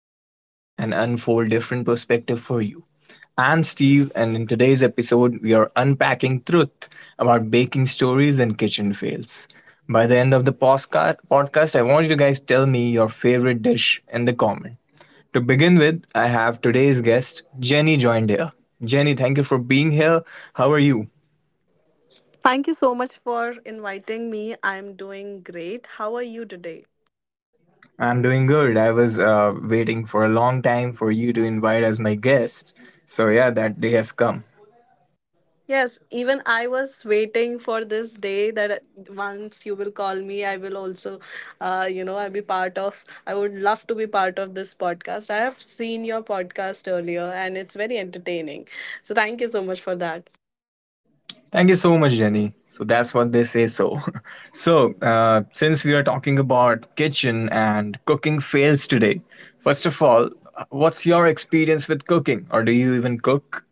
the obvious and unfold different perspective for you. I'm Steve, and in today's episode, we are unpacking truth about baking stories and kitchen fails. By the end of the podcast, I want you guys to tell me your favorite dish in the comment. To begin with, I have today's guest, Jenny, joined here. Jenny, thank you for being here. How are you? Thank you so much for inviting me. I'm doing great. How are you today? I'm doing good. I was waiting for a long time for you to invite as my guest. So, yeah, that day has come. Yes, even I was waiting for this day that once you will call me, I will also, I would love to be part of this podcast. I have seen your podcast earlier and it's very entertaining. So thank you so much for that. Thank you so much, Jenny. So, that's what they say so. Since we are talking about kitchen and cooking fails today, first of all, what's your experience with cooking? Or do you even cook?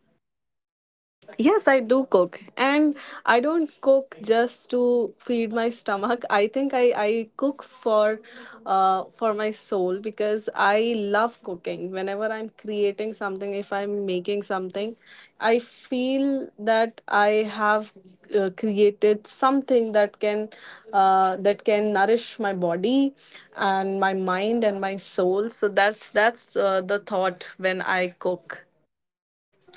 Yes, I do cook. And I don't cook just to feed my stomach. I think I cook for my soul because I love cooking. Whenever I'm creating something, if I'm making something, I feel that I have created something that can that can nourish my body and my mind and my soul. So that's the thought when I cook.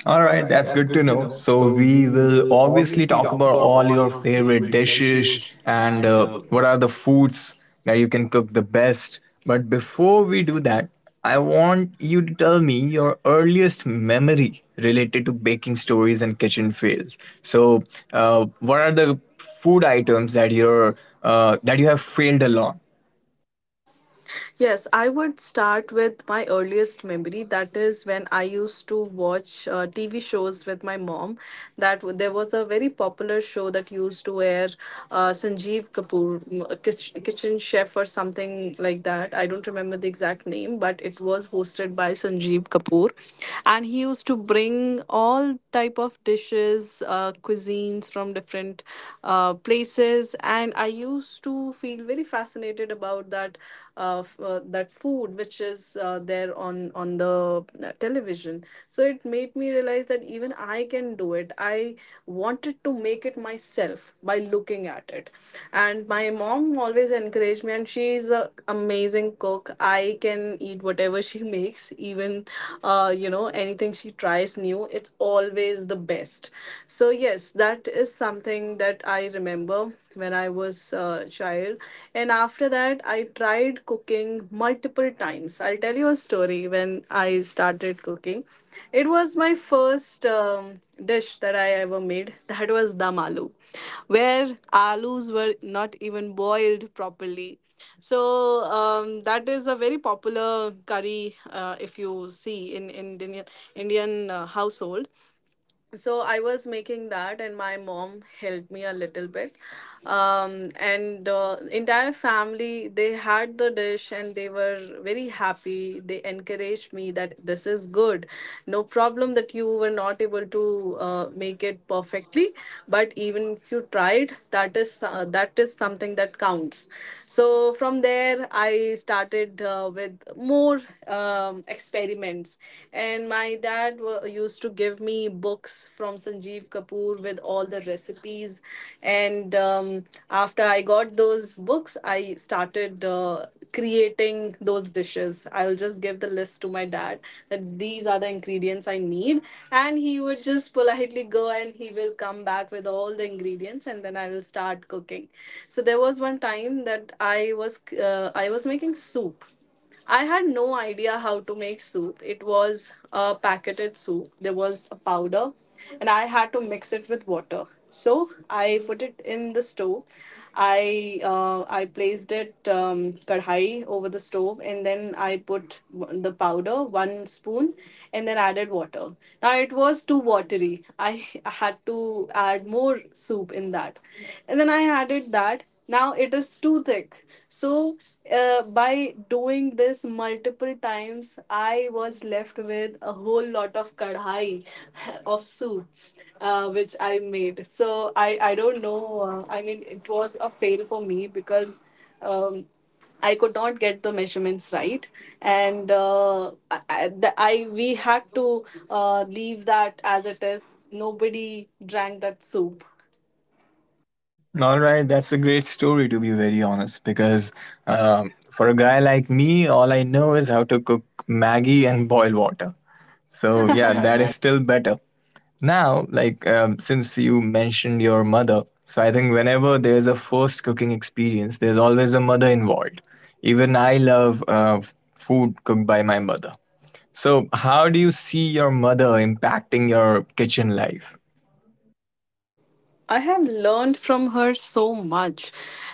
All All right, right, that's that's good to good to know. know. So So we we will will obviously obviously talk talk about about all all your your favorite favorite dishes dishes and and what are the foods that you can cook the best. But before we do that, I want you to tell me your earliest memory related to baking stories and kitchen fails. So, what are the food items that you're that you have failed a lot? Yes, I would start with my earliest memory. That is when I used to watch TV shows with my mom. There was a very popular show that used to air, Sanjeev Kapoor, a kitchen chef or something like that. I don't remember the exact name, but it was hosted by Sanjeev Kapoor, and he used to bring all type of dishes, cuisines from different places, and I used to feel very fascinated about that food which is there on the television. So it made me realize that even I can do it. I wanted to make it myself by looking at it, and my mom always encouraged me, and she's an amazing cook. I can eat whatever she makes, even anything she tries new. It's always the best. So yes, that is something that I remember when I was a child. And after that, I tried cooking multiple times. I'll tell you a story when I started cooking. It was my first dish that I ever made. That was dam aloo, where aloos were not even boiled properly. So that is a very popular curry, if you see in Indian household. So I was making that, and my mom helped me a little bit. And entire family, they had the dish, and they were very happy. They encouraged me that this is good. No problem that you were not able to make it perfectly, but even if you tried, that is something that counts. So from there I started, with more experiments. And my dad used to give me books from Sanjeev Kapoor with all the recipes. And after I got those books, I started creating those dishes. I will just give the list to my dad that these are the ingredients I need, and he would just politely go and he will come back with all the ingredients, and then I will start cooking. So there was one time that I was making soup. I had no idea how to make soup. It was a packeted soup. There was a powder, and I had to mix it with water. So I put it in the stove. I placed it, kadhai over the stove, and then I put the powder one spoon, and then added water. Now it was too watery. I had to add more soup in that, and then I added that. Now it is too thick. So, by doing this multiple times, I was left with a whole lot of kadhai of soup which I made. So I don't know. I mean it was a fail for me because um, I could not get the measurements right, and we had to leave that as it is. Nobody drank that soup. All right, that's a great story to be very honest. Because for a guy like me, all I know is how to cook Maggie and boil water. So So yeah, that yeah, is still better. Now, since you mentioned your mother, so I think whenever there's a first cooking experience, there's always a mother involved. Even I love food cooked by my mother. So, how do you see your mother impacting your kitchen life? I have learned from her so much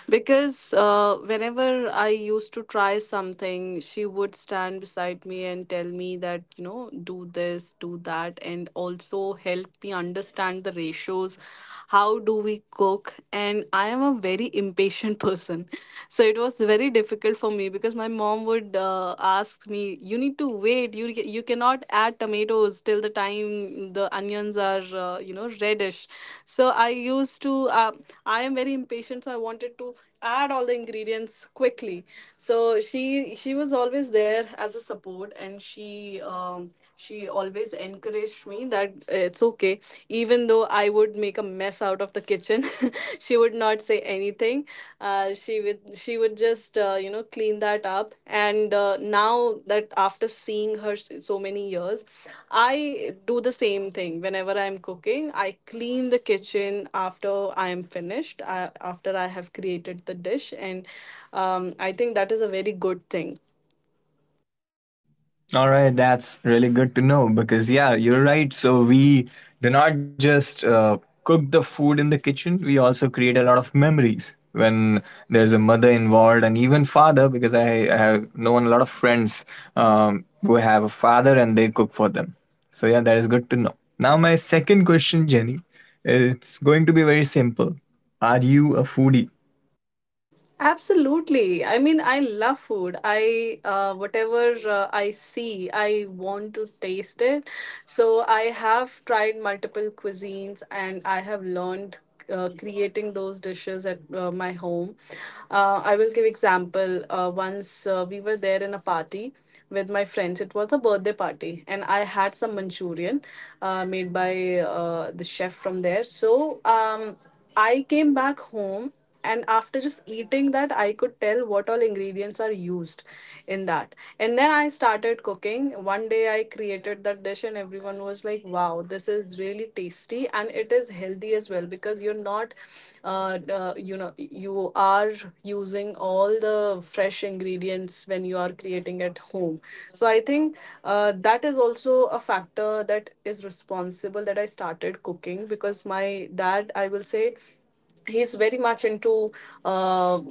because whenever I used to try something, she would stand beside me and tell me that, do this, do that, and also help me understand the ratios. How do we cook? And I am a very impatient person. So it was very difficult for me because my mom would, asks me, "You need to wait. You cannot add tomatoes till the time the onions are reddish." So I used to. I am very impatient, so I wanted to add all the ingredients quickly. So she was always there as a support, and she always encouraged me that it's okay, even though I would make a mess out of the kitchen. She would not say anything. She would just clean that up. And now that, after seeing her so many years, I do the same thing. Whenever I'm cooking, I clean the kitchen after I am finished. After I have created the dish. And I think that is a very good thing. All right, that's really good to know because, yeah, you're right. So, we do not just cook the food in the kitchen, we also create a lot of memories when there's a mother involved and even father because I have known a lot of friends who have a father and they cook for them. So, yeah, that is good to know. Now, my second question, Jenny, it's going to be very simple. Are you a foodie? Absolutely. I mean, I love food. I Whatever I see, I want to taste it. So I have tried multiple cuisines, and I have learned creating those dishes at my home. I will give example. Once we were there in a party with my friends. It was a birthday party, and I had some Manchurian made by the chef from there. So I came back home, and after just eating that I could tell what all ingredients are used in that. And then I started cooking. One day I created that dish, and everyone was like, "Wow, this is really tasty and it is healthy as well because you're not you are using all the fresh ingredients when you are creating at home. So I think that is also a factor that is responsible that I started cooking. Because my dad, I will say, he's very much into uh,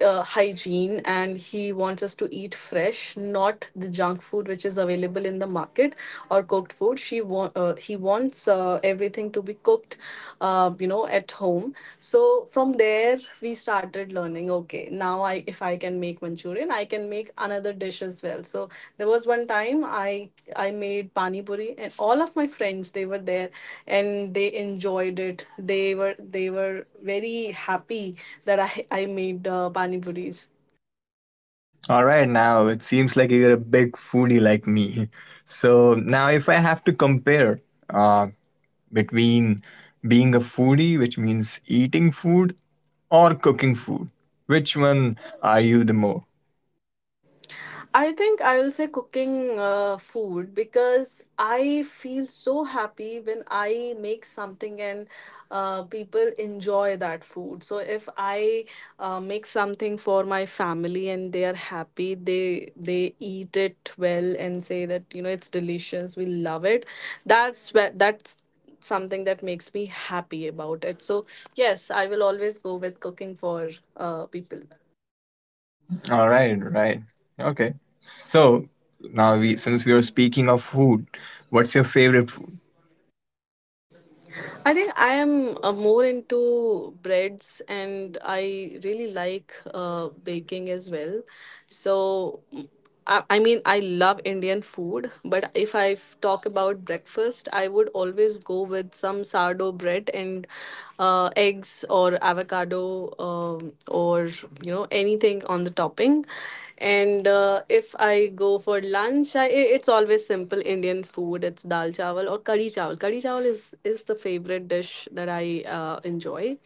hygiene, and he wants us to eat fresh, not the junk food which is available in the market or cooked food. He wants everything to be cooked, at home. So from there we started learning, okay, now now I if I can make Manchurian, I can make another dish as well. So there was one time I made pani puri, and all of my friends they were there, and they enjoyed it. They were very happy that I made pani puris. All right, now it seems like you're a big foodie like me. So now, if I have to compare uh, between being a foodie, which means eating food, or cooking food, which one are you the more? I think I will say cooking food because I feel so happy when I make something, and people enjoy that food. So if I make something for my family and they are happy, they eat it well and say that it's delicious. We love it. That's something that makes me happy about it. So yes, I will always go with cooking for people. All right, right. Okay. So now, we since we are speaking of food, what's your favorite food? I think I am more into breads and I really like baking as well. So, I mean, I love Indian food, but if I talk about breakfast, I would always go with some sourdough bread and eggs or avocado, or, anything on the topping. And if I go for lunch, it's always simple Indian food. It's dal chawal or kadi chawal. Kadi chawal is the favorite dish that I enjoy.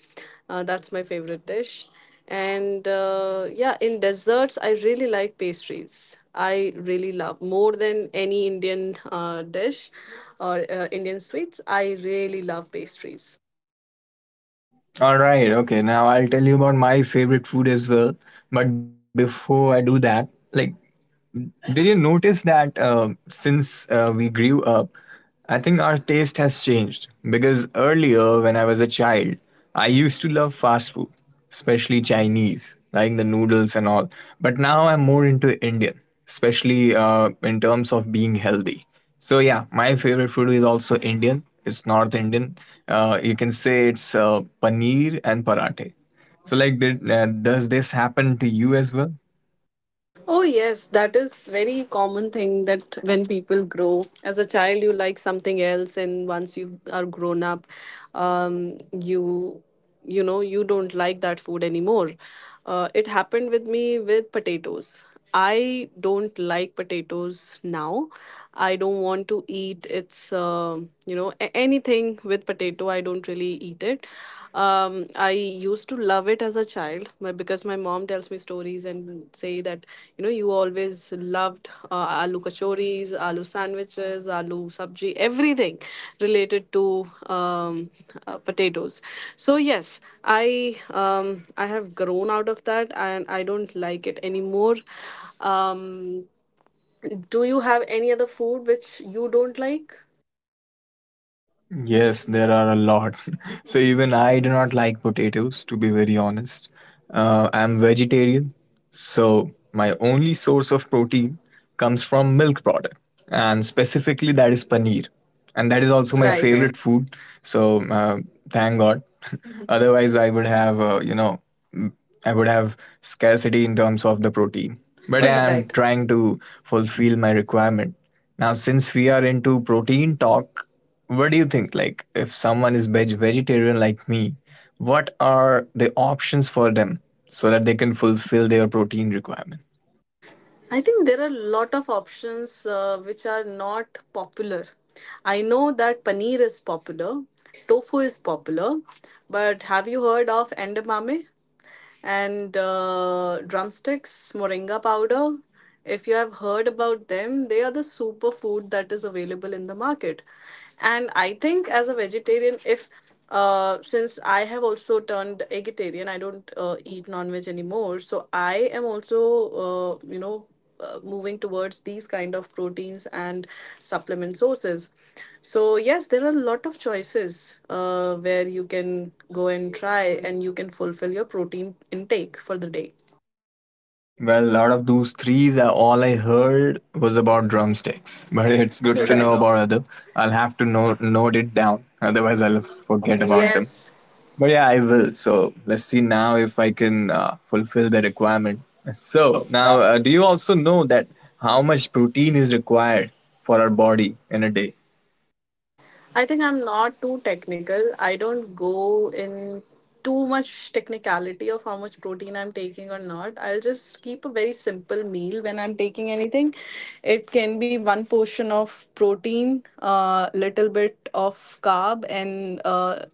That's my favorite dish. And, yeah, in desserts, I really like pastries. I really love more than any Indian dish or Indian sweets. I really love pastries. All right, okay. Now I'll tell you about my favorite food as well. But before I do that, like did you notice that since we grew up, I think our taste has changed? Because earlier, when I was a child, I used to love fast food, especially Chinese, like the noodles and all. But now I'm more into Indian, especially in terms of being healthy. So, yeah, my favorite food is also Indian. It's North Indian. You can say it's paneer and parathe. So, like, does this happen to you as well? Oh, yes, that is very common thing that when people grow as a child, you like something else, and once you are grown up, um, you you know you don't like that food anymore. It happened with me with potatoes. I don't like potatoes now. I don't want to eat it's you know a- anything with potato. I don't really eat it. I used to love it as a child but because my mom tells me stories and say that you always loved aloo kachoris, aloo sandwiches, aloo sabji, everything related to potatoes. So yes, I have grown out of that and I don't like it anymore. Um, do you have any other food which you don't like? Yes, there are a lot. So even I do not like potatoes, to be very honest. I'm vegetarian, so my only source of protein comes from milk product, and specifically that is paneer, and that is Is also also my my, right, favorite. favorite food. So thank God. Otherwise, I would have I would have scarcity in terms of the protein. But But I am right. trying to fulfill my requirement. Now, since we are into protein talk, what do you think? Like, if someone is vegetarian like me, what are the options for them so that they can fulfill their protein requirement? I think there are a lot of options, which are not popular. I know that paneer is popular, tofu is popular, but have you heard of endamame and, drumsticks, moringa powder? If you have heard about them, they are the superfood that is available in the market. And I think as a vegetarian, if since I have also turned vegetarian, I don't eat non-veg anymore. So I am also, uh, you know, moving towards these kind of proteins and supplement sources. So yes, there are a lot of choices where you can go and try, and you can fulfill your protein intake for the day. Well, a lot of those threes, are all I heard was about drumsticks. But it's It's good good to to Right. know know. about other. I'll have to note it down. Otherwise, I'll forget Okay. about them. Yes. But yeah, I will. So let's see now if I can fulfill the requirement. So So now, now, do you also know that how much protein is required for our body in a day? I think I'm not too technical. I don't go in too much technicality of how much protein I'm taking or not. I'll just keep a very simple meal when I'm taking anything. It can be one portion of protein, a little bit of carb, and uh,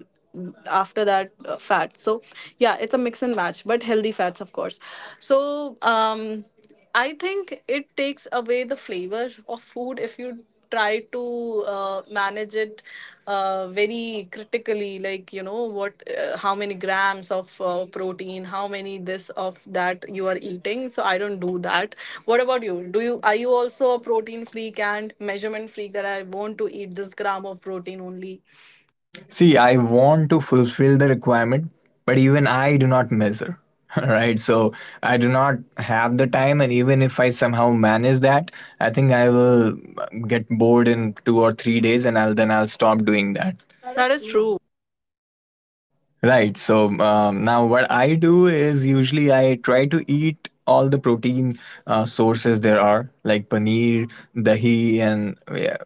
after that uh, fat. So yeah, it's a mix and match, but healthy fats, of course. So um I think it takes away the flavor of food if you try to manage it very critically, like you know what, how many grams of protein, how many this of that you are eating. So I don't do that. What about you? Do you Are you also a protein freak and measurement freak, that I want to eat this gram of protein only? See, I want to fulfill the requirement, but even I do not measure. Right, so I do not have the time, and even if I somehow manage that, I think I will get bored in 2 or 3 days, and I'll then I'll stop doing that. That is true. Right. So now what I do is usually I try to eat all the protein sources there are, like paneer, dahi, and yeah,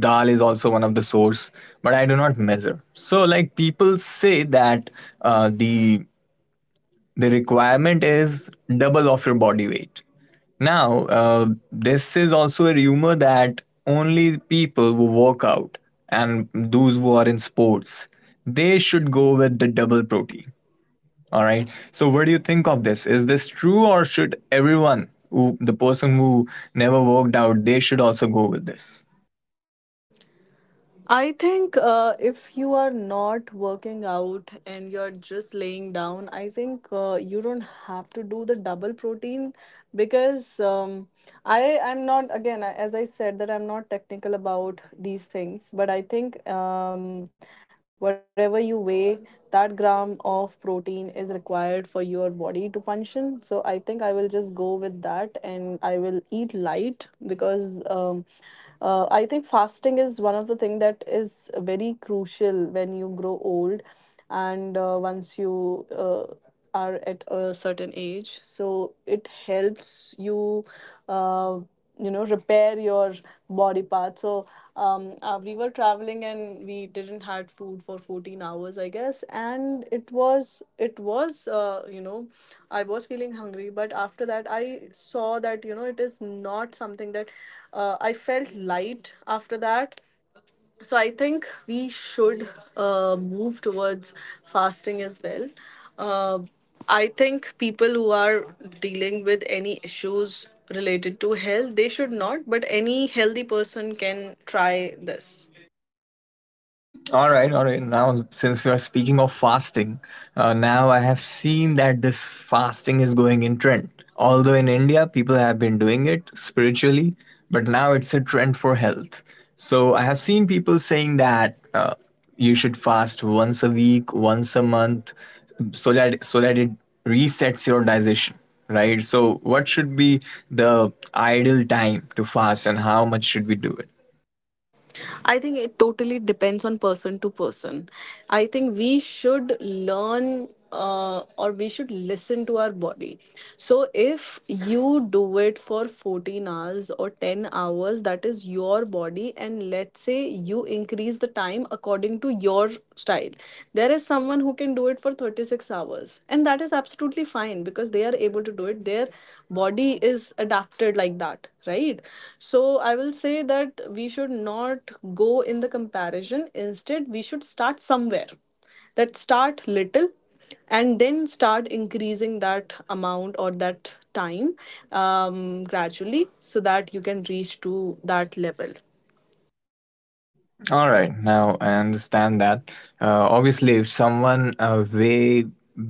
dal is also one of the source. But I do not measure. So like people say that uh, the the requirement is double of your body weight. Now, this is also a rumor that only people who work out and those who are in sports, they should go with the double protein. All right. So, what do you think of this? Is this true, or should everyone, who, the person who never worked out, they should also go with this? I think if you are not working out and you're just laying down, I think you don't have to do the double protein because I'm not again, as I said that I'm not technical about these things, but I think whatever you weigh, that gram of protein is required for your body to function. So I think I will just go with that and I will eat light because. I think fasting is one of the thing that is very crucial when you grow old and once you are at a certain age, so it helps you uh, you know repair your body parts that. So we were traveling and we didn't had food for 14 hours, I guess. And it was, I was feeling hungry, but after that I saw that you know it is not something that I felt light after that. So I think we should move towards fasting as well. Uh, I think people who are dealing with any issues related to health, they should not, but any healthy person can try this. All right, all right. Now, since we are speaking of fasting, now I have seen that this fasting is going in trend. Although in India, people have been doing it spiritually, but now it's a trend for health. So I have seen people saying that you should fast once a week, once a month, so that it resets your digestion, right? So what should be the ideal time to fast, and how much should we do it? I think it totally depends on person to person. I think we should learn or we should listen to our body. So if you do it for 14 hours or 10 hours, that is your body. And let's say you increase the time according to your style. There is someone who can do it for 36 hours, and that is absolutely totally fine because they are able to do it. Their body is adapted like that, right? So I will say that we should not go in the comparison. Instead, we should start somewhere, that start little, and then start increasing that amount or that time um, gradually, so that you can reach to that level. All right, now I understand that. Obviously, if someone way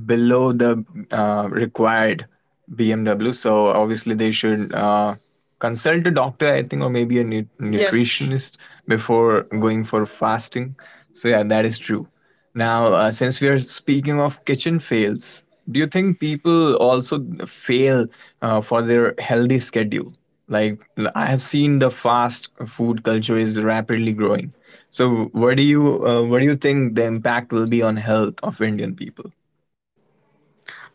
below the required BMW, so obviously they should consult a doctor, I think, or maybe a Yes. nutritionist before going for fasting. So yeah, that is true. Now, since we are speaking of kitchen fails, do you think people also fail for their healthy schedule? Like, I have seen the fast food culture is rapidly growing. So, what do you think the impact will be on health of Indian people?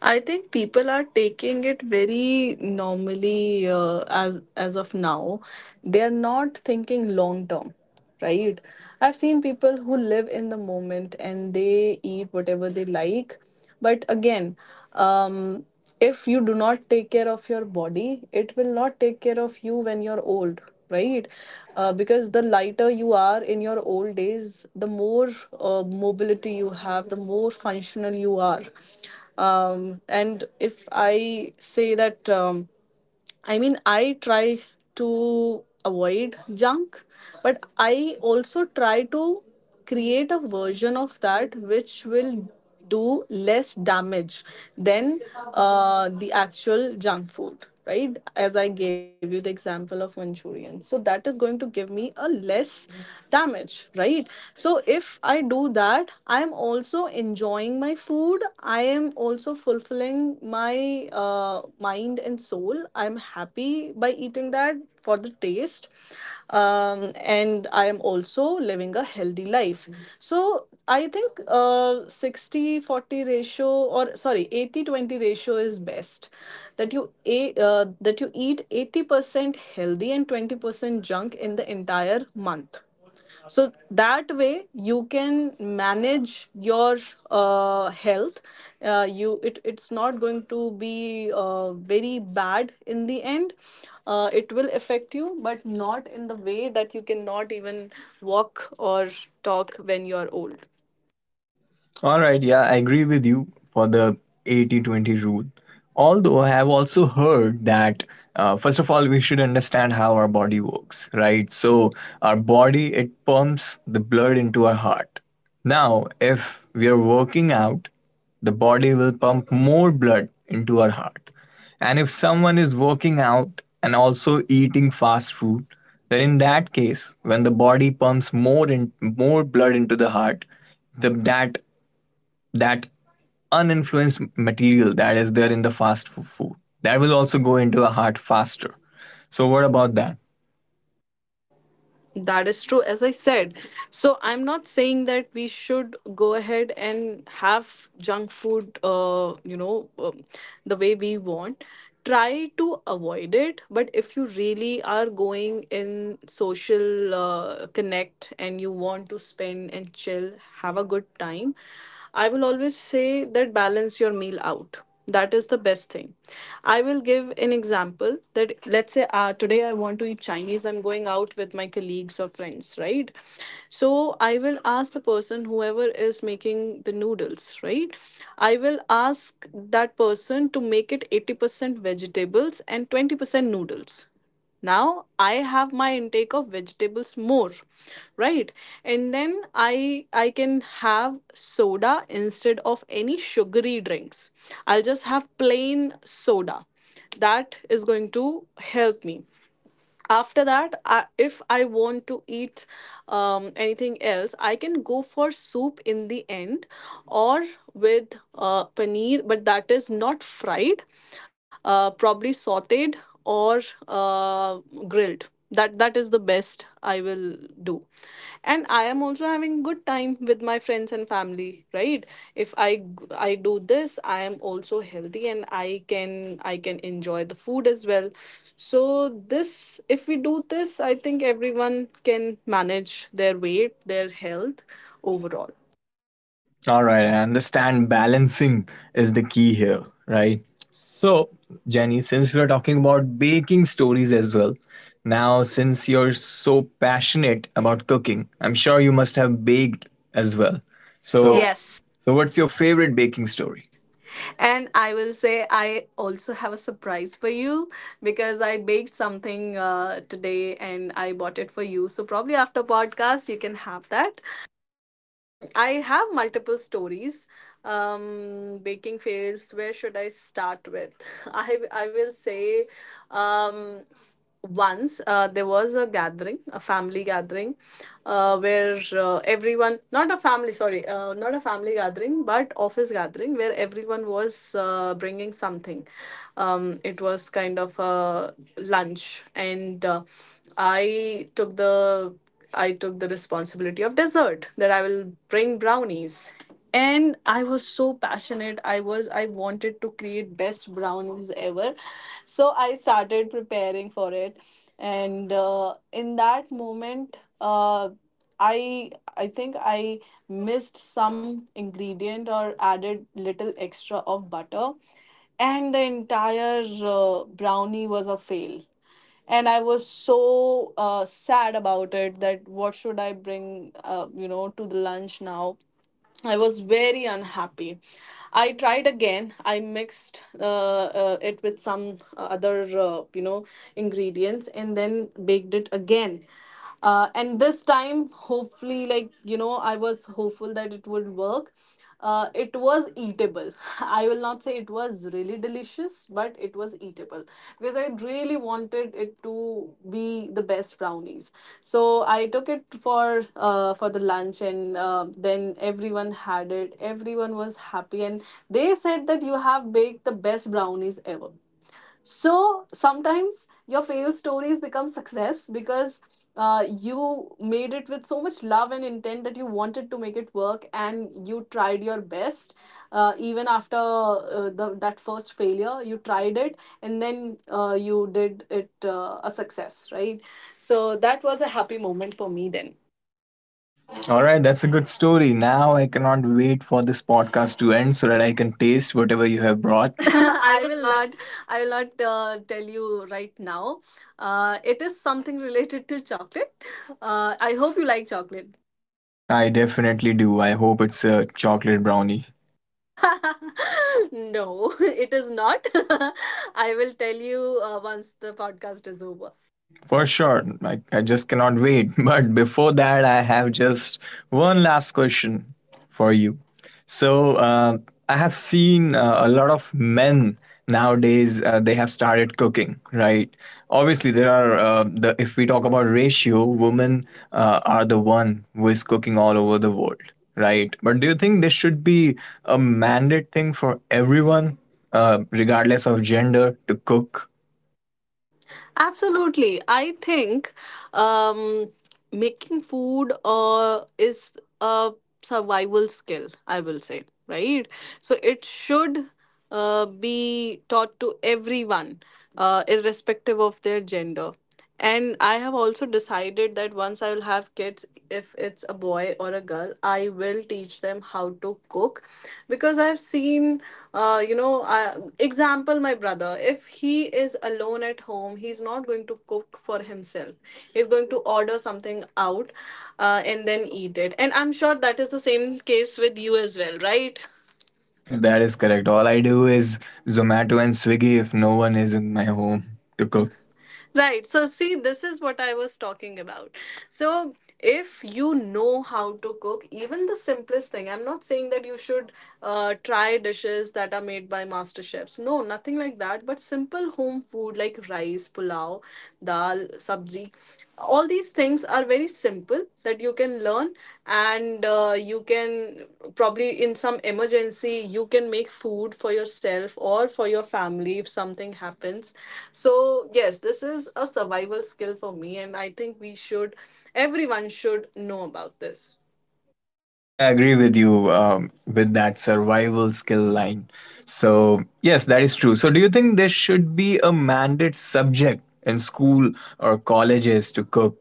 I think people are taking it very normally as of now. They are not thinking long term, right? I've seen people who live in the moment and they eat whatever they like. But again, um, if you do not take care of your body, it will not take care of you when you're old, right? Because the lighter you are in your old days, the more mobility you have, the more functional you are. And if I say that I mean, I try to avoid junk, but I also try to create a version of that which will do less damage than the actual junk food, right? As I gave you the example of Manchurian. So that is going to give me a less damage, right? So if I do that, I'm also enjoying my food, I am also fulfilling my mind and soul. I'm happy by eating that for the taste. Um, and I am also living a healthy life. Mhm. So I think 60-40 ratio, or sorry, 80-20 ratio is best, that you a that you eat 80% healthy and 20% junk in the entire month, so that way you can manage your health. You It, it's not going to be very bad in the end. It will affect you, but not in the way that you cannot even walk or talk when you're old. All right, yeah, I agree with you for the 80-20 rule. Although I have also heard that, first of all, we should understand how our body works, right? So, our body, it pumps the blood into our heart. Now, if we are working out, the body will pump more blood into our heart. And if someone is working out and also eating fast food, then in that case, when the body pumps more and more blood into the heart, the that that uninfluenced material that is there in the food, that will also go into a heart faster. So what about that? That is true, as I said. So I'm not saying that we should go ahead and have junk food, the way we want. Try to avoid it, but if you really are going in social connect and you want to spend and chill, have a good time, I will always say that balance your meal out, that is the best thing. I will give an example, that let's say today I want to eat Chinese, I'm going out with my colleagues or friends, right? So I will ask the person whoever is making the noodles, right? I will ask that person to make it 80% vegetables and 20% noodles. Now I have my intake of vegetables more, right? And then i I can have soda instead of any sugary drinks. I'll just have plain soda. That is going to help me. After that, I, if I want to eat anything else, I can go for soup in the end, or with paneer, but that is not fried, probably sauteed, or uh, grilled. That that is the best I will do. And I am also having good time with my friends and family, right? If I do this, I am also healthy, and I can, I can enjoy the food as well. So this, if we do this, I think everyone can manage their weight, their health overall. All right, I understand balancing is the key here, right? So Jenny, since we are talking about baking stories as well, now since you're so passionate about cooking, I'm sure you must have baked as well, So so yes. so what's your favorite baking story? And I will say, I also have a surprise for you, because I baked something today and I bought it for you. So, probably after podcast, you can have that. Mm, I have multiple stories. Baking fails, where should I start with? I will say, um, once there was a gathering, a family gathering where everyone not a family, sorry, not a family gathering, but office gathering, where everyone was bringing something. It was kind of a lunch, and i took the I took the responsibility of dessert, that I will bring brownies. And I was so passionate, I wanted to create best brownies ever. So I started preparing for it, and in that moment, I think I missed some ingredient or added little extra of butter, and the entire brownie was a fail. And I was so sad about it, that what should I bring to the lunch now. I was very unhappy. I tried again. I mixed it with some other, ingredients, and then baked it again. And this time, hopefully, I was hopeful that it would work. It was eatable. I will not say it was really delicious, but it was eatable, because I really wanted it to be the best brownies. So I took it for the lunch, and then everyone had it, everyone was happy, and they said that you have baked the best brownies ever. So sometimes your fail stories become success, because you made it with so much love and intent that you wanted to make it work and you tried your best. Even after that first failure, you tried it, and then you did it a success, right? So that was a happy moment for me then. All right, that's a good story. Now I cannot wait for this podcast to end so that I can taste whatever you have brought. What? I will not. I will not tell you right now. It is something related to chocolate. I hope you like chocolate. I definitely do. I hope it's a chocolate brownie. No, it is not. I will tell you once the podcast is over. For sure. I just cannot wait. But before that, I have just one last question for you. So, I have seen a lot of men nowadays, they have started cooking, right? Obviously, there are, if we talk about ratio, women are the one who is cooking all over the world, right? But do you think this should be a mandate thing for everyone, regardless of gender, to cook? Absolutely. I think um, making food is a survival skill, I will say, right? So it should be taught to everyone, irrespective of their gender. And I have also decided that once I will have kids, if it's a boy or a girl, I will teach them how to cook, because I've seen, example, my brother, if he is alone at home, he's not going to cook for himself. He's going to order something out and then eat it. And I'm sure that is the same case with you as well, right? That is correct. All I do is Zomato and Swiggy if no one is in my home to cook. Cool. Right. So, see, this is what I was talking about. So, if you know how to cook, even the simplest thing, I'm not saying that you should try dishes that are made by master chefs. No, nothing like that. But simple home food like rice, pulao, dal, sabji, all these things are very simple that you can learn and you can probably in some emergency you can make food for yourself or for your family if something happens. So yes, this is a survival skill for me, and I think we should, everyone should know about this. I agree with you with that survival skill line. So, yes, that is true. So, do you think there should be a mandate subject in school or colleges to cook?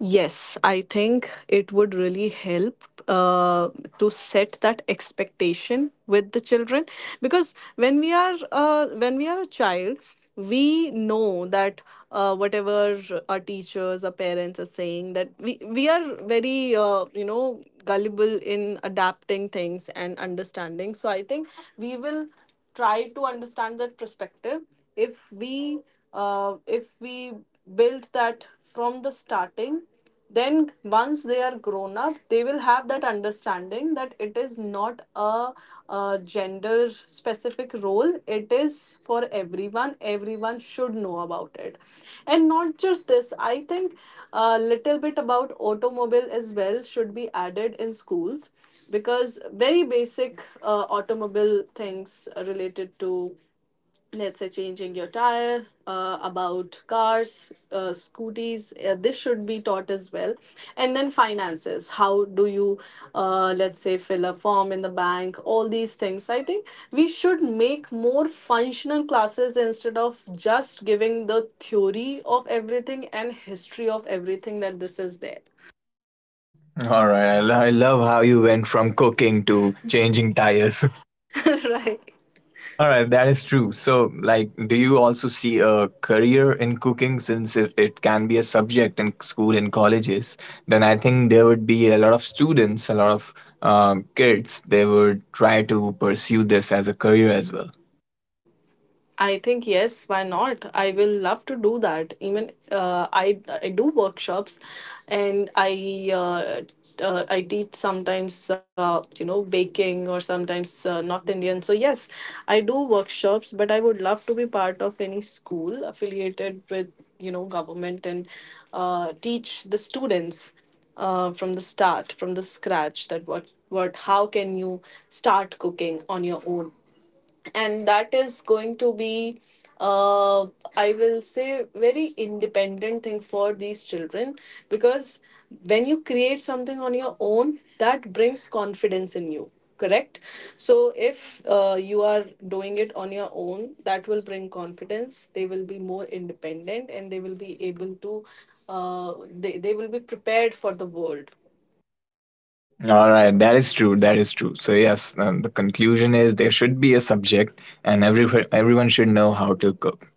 Yes, I think it would really help to set that expectation with the children, because when we are a child, we know that whatever our teachers, our parents are saying, that we are very you know, gullible in adapting things and understanding. So I think we will try to understand that perspective, if we if we build that from the starting, then once they are grown up they will have that understanding that it is not a gender specific role, it is for everyone, everyone should know about it. And not just this, I think a little bit about automobile as well should be added in schools, because very basic automobile things related to, let's say, changing your tire, about cars, scooties, this should be taught as well. And then finances, how do you, let's say, fill a form in the bank, all these things. I think we should make more functional classes instead of just giving the theory of everything and history of everything that this is there. All right. I love how you went from cooking to changing tires. Right. All right, that is true. So, like, do you also see a career in cooking since it can be a subject in school and colleges? Then I think there would be a lot of students, a lot of kids, they would try to pursue this as a career as well. I think yes, why not? I will love to do that. Even I do workshops, and I I teach sometimes, you know, baking, or sometimes North Indian. So yes, I do workshops, but I would love to be part of any school affiliated with, you know, government, and teach the students from the start, from the scratch, that what how can you start cooking on your own. And that is going to be, uh, I will say, very independent thing for these children, because when you create something on your own, that brings confidence in you. Correct. So if you are doing it on your own, that will bring confidence. They will be more independent, and they will be able to, they will be prepared for the world. All right, that is true. That is true. So yes, the conclusion is there should be a subject, and everyone should know how to cook.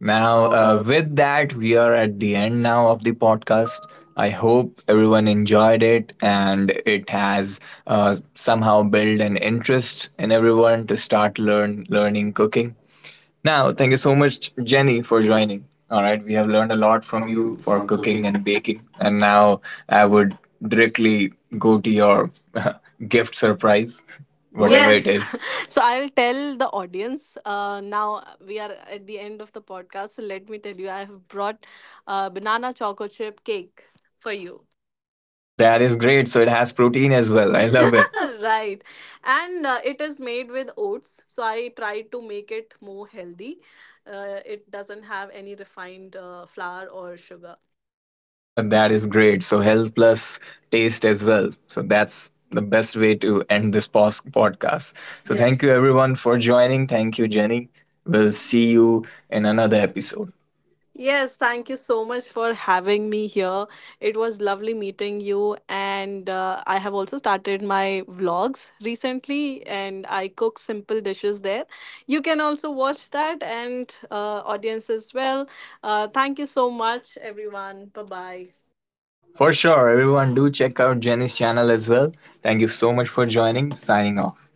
Now, Now, with that, we are at the end now of the podcast. I hope everyone enjoyed it, and it has somehow built an interest in everyone to start learning cooking. Now, thank you so much, Jenny, for joining. All right, we have learned a lot from from you you for for cooking. cooking and baking, and now I would directly go to your gift surprise, whatever Yes. it is. So I'll tell the audience. Now we are at the end of the podcast. So let me tell you, I have brought banana choco chip cake for you. That is great. So it has protein as well. I love it. Right. And it is made with oats. So I tried to make it more healthy. It doesn't have any refined flour or sugar. That is great. So health plus taste as well. So that's the best way to end this podcast. So thank Yes. you everyone for joining. Thank you, Jenny. We'll We'll see see you you in in another another episode. episode. Yes, thank you so much for having me here. It was lovely meeting you, and I have also started my vlogs recently, and I cook simple dishes there. You can also watch that, and audience as well. Thank you so much, everyone. Bye bye. For sure, everyone do check out Jenny's channel as well. Thank you so much for joining. Signing off.